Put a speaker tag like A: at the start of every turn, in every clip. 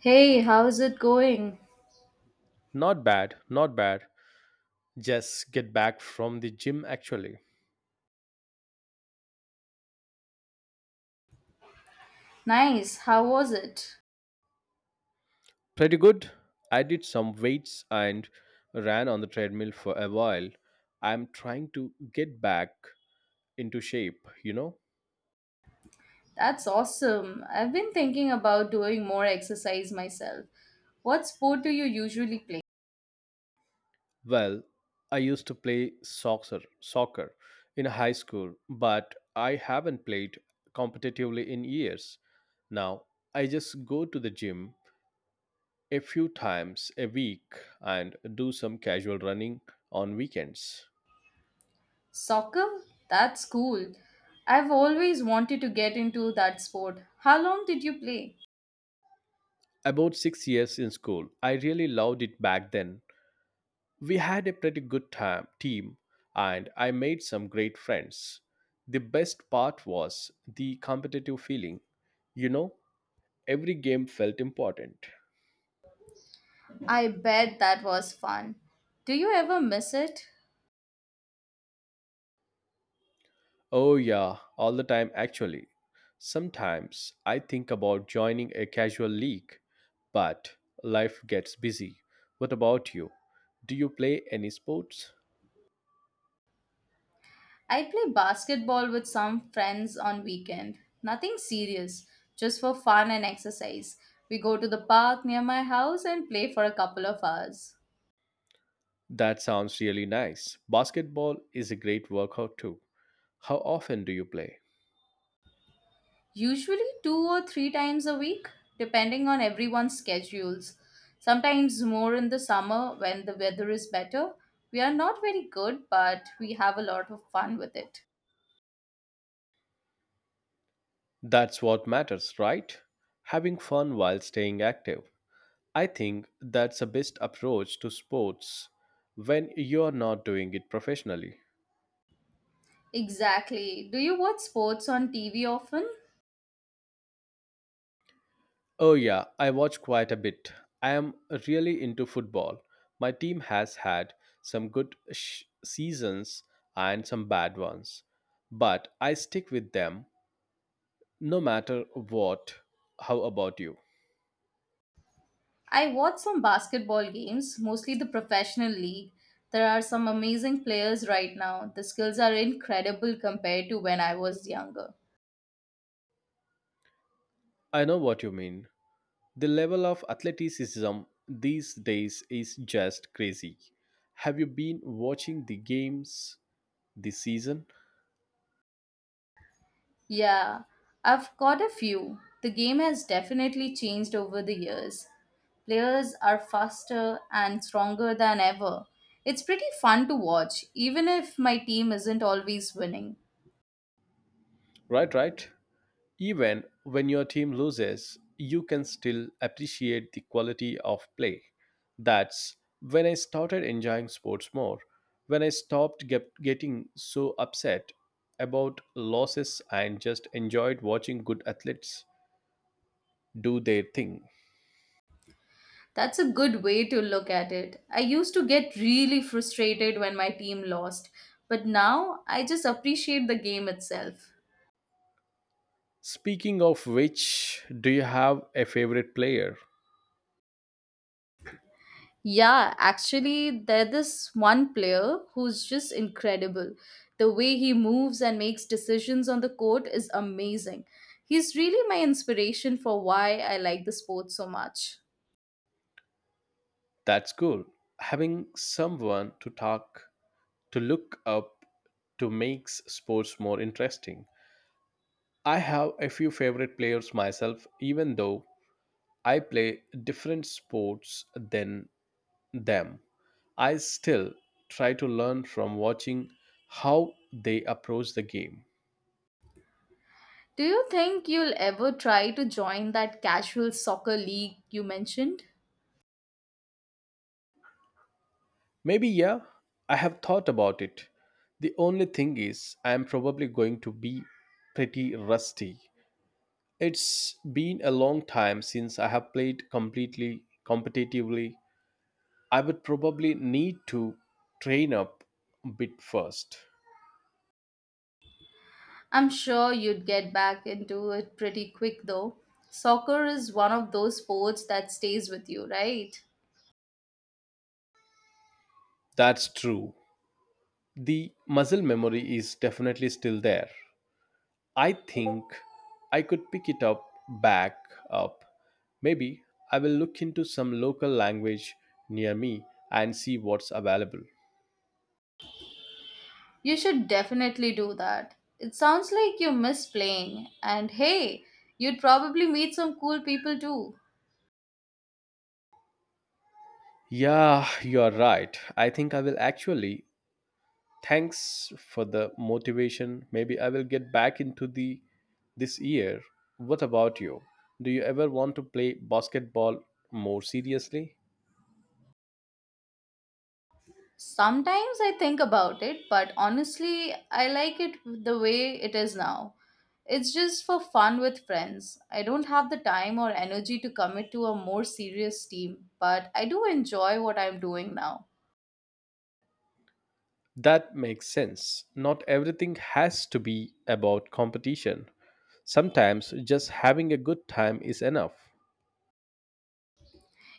A: Hey, how's it going?
B: Not bad, not bad. Just get back from the gym actually.
A: Nice. How was it?
B: Pretty good. I did some weights and ran on the treadmill for a while. I'm trying to get back into shape, you know?
A: That's awesome. I've been thinking about doing more exercise myself. What sport do you usually play?
B: Well, I used to play soccer in high school, but I haven't played competitively in years. Now, I just go to the gym a few times a week and do some casual running on weekends.
A: Soccer? That's cool. I've always wanted to get into that sport. How long did you play?
B: About 6 years in school. I really loved it back then. We had a pretty good team, and I made some great friends. The best part was the competitive feeling. You know, every game felt important.
A: I bet that was fun. Do you ever miss it?
B: Oh, yeah, all the time actually. Sometimes I think about joining a casual league, but life gets busy. What about you? Do you play any sports?
A: I play basketball with some friends on weekend. Nothing serious, just for fun and exercise. We go to the park near my house and play for a couple of hours.
B: That sounds really nice. Basketball is a great workout too. How often do you play?
A: Usually two or three times a week, depending on everyone's schedules. Sometimes more in the summer when the weather is better. We are not very good, but we have a lot of fun with it.
B: That's what matters, right? Having fun while staying active. I think that's the best approach to sports when you're not doing it professionally.
A: Exactly. Do you watch sports on TV often?
B: Oh, yeah, I watch quite a bit. I am really into football. My team has had some seasons and some bad ones, but I stick with them no matter what. How about you?
A: I watch some basketball games, mostly the professional league. There are some amazing players right now. The skills are incredible compared to when I was younger.
B: I know what you mean. The level of athleticism these days is just crazy. Have you been watching the games this season?
A: Yeah, I've caught a few. The game has definitely changed over the years. Players are faster and stronger than ever. It's pretty fun to watch, even if my team isn't always winning.
B: Right, right. Even when your team loses, you can still appreciate the quality of play. That's when I started enjoying sports more, when I stopped getting so upset about losses and just enjoyed watching good athletes do their thing.
A: That's a good way to look at it. I used to get really frustrated when my team lost, but now I just appreciate the game itself.
B: Speaking of which, do you have a favorite player?
A: Yeah, actually, there's this one player who's just incredible. The way he moves and makes decisions on the court is amazing. He's really my inspiration for why I like the sport so much.
B: That's cool. Having someone to talk to look up to makes sports more interesting. I have a few favorite players myself, even though I play different sports than them. I still try to learn from watching how they approach the game.
A: Do you think you'll ever try to join that casual soccer league you mentioned?
B: Maybe, yeah, I have thought about it. The only thing is, I am probably going to be pretty rusty. It's been a long time since I have played completely competitively. I would probably need to train up a bit first.
A: I'm sure you'd get back into it pretty quick though. Soccer is one of those sports that stays with you, right?
B: That's true. The muscle memory is definitely still there. I think I could pick it up back up. Maybe I will look into some local language near me and see what's available.
A: You should definitely do that. It sounds like you miss playing, and hey, you'd probably meet some cool people too.
B: Yeah, you're right. I think I will actually, thanks for the motivation. Maybe I will get back into the this year. What about you? Do you ever want to play basketball more seriously?
A: Sometimes I think about it, but honestly, I like it the way it is now. It's just for fun with friends. I don't have the time or energy to commit to a more serious team, but I do enjoy what I'm doing now.
B: That makes sense. Not everything has to be about competition. Sometimes just having a good time is enough.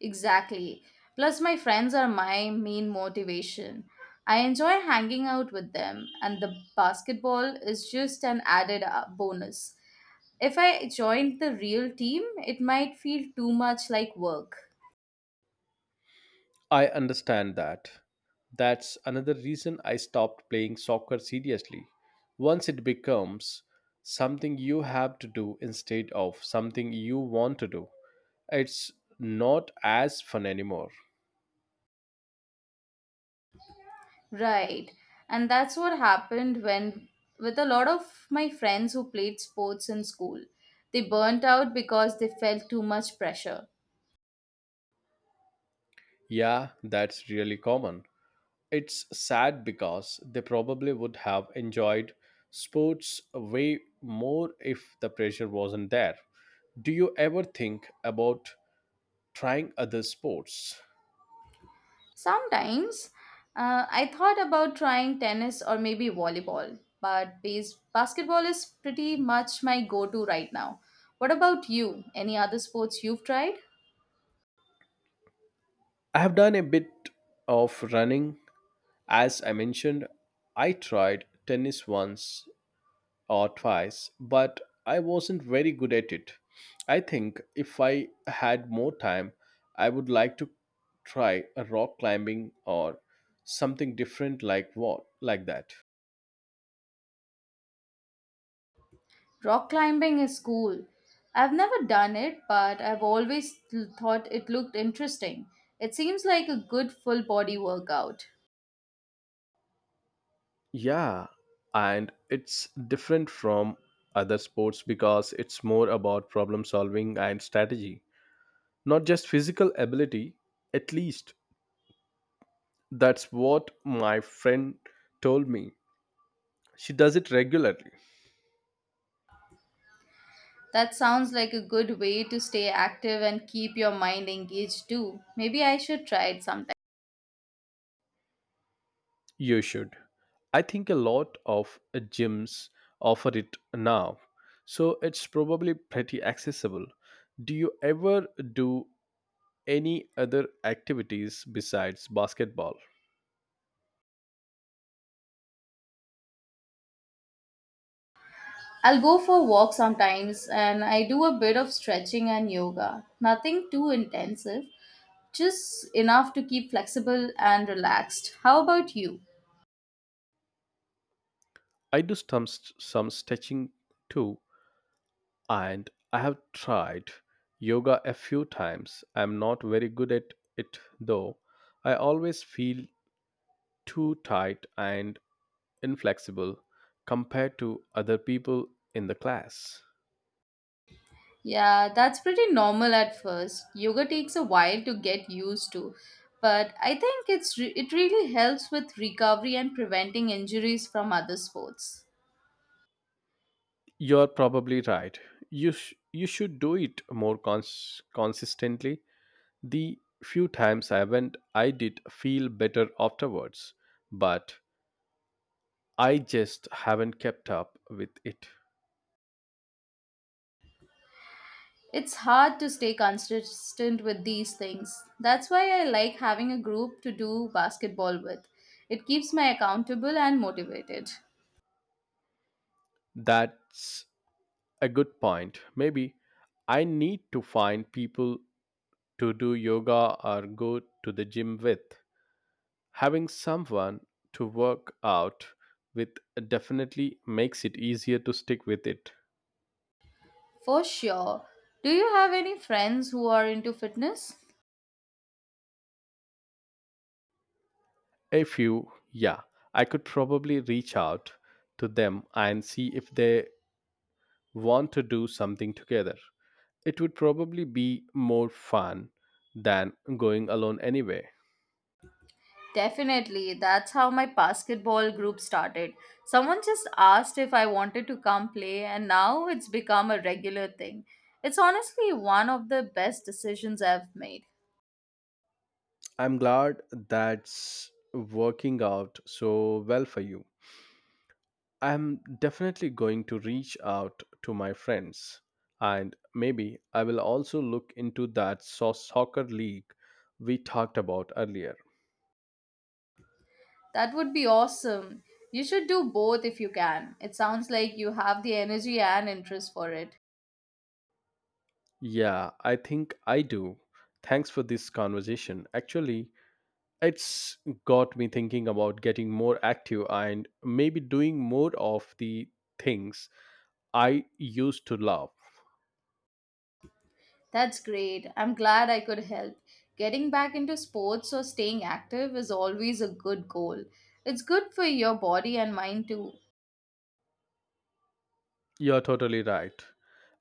A: Exactly. Plus, my friends are my main motivation. I enjoy hanging out with them, and the basketball is just an added bonus. If I joined the real team, it might feel too much like work.
B: I understand that. That's another reason I stopped playing soccer seriously. Once it becomes something you have to do instead of something you want to do, it's not as fun anymore.
A: Right. And that's what happened with a lot of my friends who played sports in school, they burnt out because they felt too much pressure.
B: Yeah, that's really common. It's sad because they probably would have enjoyed sports way more if the pressure wasn't there. Do you ever think about trying other sports?
A: Sometimes I thought about trying tennis or maybe volleyball, but basketball is pretty much my go to right now. What about you? Any other sports you've tried?
B: I have done a bit of running. As I mentioned, I tried tennis once or twice, but I wasn't very good at it. I think if I had more time, I would like to try a rock climbing or something different like that.
A: Rock climbing is cool. I've never done it, but I've always thought it looked interesting. It seems like a good full body workout.
B: Yeah, and it's different from other sports because it's more about problem solving and strategy, not just physical ability. At least that's what my friend told me. She does it regularly.
A: That sounds like a good way to stay active and keep your mind engaged too. Maybe I should try it sometime.
B: You should. I think a lot of gyms offer it now, so it's probably pretty accessible. Do you ever do any other activities besides basketball?
A: I'll go for a walk sometimes and I do a bit of stretching and yoga. Nothing too intensive, just enough to keep flexible and relaxed. How about you?
B: I do some stretching too, and I have tried yoga a few times. I'm not very good at it though. I always feel too tight and inflexible compared to other people in the class.
A: Yeah, that's pretty normal at first. Yoga takes a while to get used to, but I think it really helps with recovery and preventing injuries from other sports.
B: You're probably right. You should do it more consistently. The few times I went, I did feel better afterwards, but I just haven't kept up with it.
A: It's hard to stay consistent with these things. That's why I like having a group to do basketball with. It keeps me accountable and motivated.
B: That's a good point. Maybe I need to find people to do yoga or go to the gym with. Having someone to work out with definitely makes it easier to stick with it.
A: For sure. Do you have any friends who are into fitness?
B: If you, Yeah, I could probably reach out to them and see if they want to do something together. It would probably be more fun than going alone anyway.
A: Definitely. That's how my basketball group started. Someone just asked if I wanted to come play, and now it's become a regular thing. It's honestly one of the best decisions I've made.
B: I'm glad that's working out so well for you. I'm definitely going to reach out to my friends, and maybe I will also look into that soccer league we talked about earlier.
A: That would be awesome. You should do both if you can. It sounds like you have the energy and interest for it.
B: Yeah, I think I do. Thanks for this conversation. Actually, it's got me thinking about getting more active and maybe doing more of the things I used to love.
A: That's great. I'm glad I could help. Getting back into sports or staying active is always a good goal. It's good for your body and mind too.
B: You're totally right.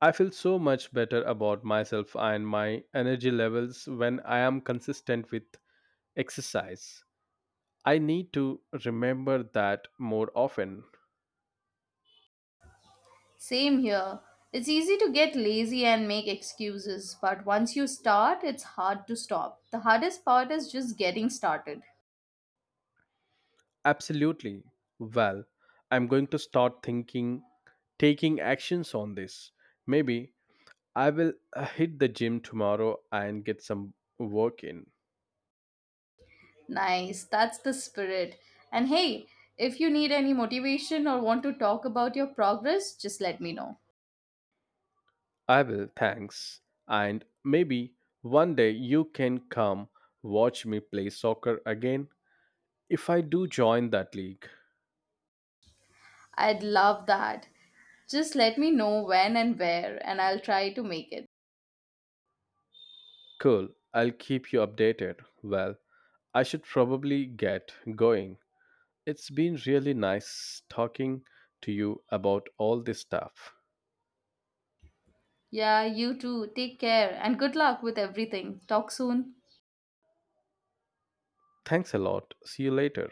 B: I feel so much better about myself and my energy levels when I am consistent with exercise. I need to remember that more often.
A: Same here. It's easy to get lazy and make excuses, but once you start, it's hard to stop. The hardest part is just getting started.
B: Absolutely. Well, I'm going to start thinking, taking actions on this. Maybe I will hit the gym tomorrow and get some work in.
A: Nice. That's the spirit. And hey, if you need any motivation or want to talk about your progress, just let me know.
B: I will, thanks. And maybe one day you can come watch me play soccer again if I do join that league.
A: I'd love that. Just let me know when and where, and I'll try to make it.
B: Cool, I'll keep you updated. Well, I should probably get going. It's been really nice talking to you about all this stuff.
A: Yeah, you too. Take care and good luck with everything. Talk soon.
B: Thanks a lot. See you later.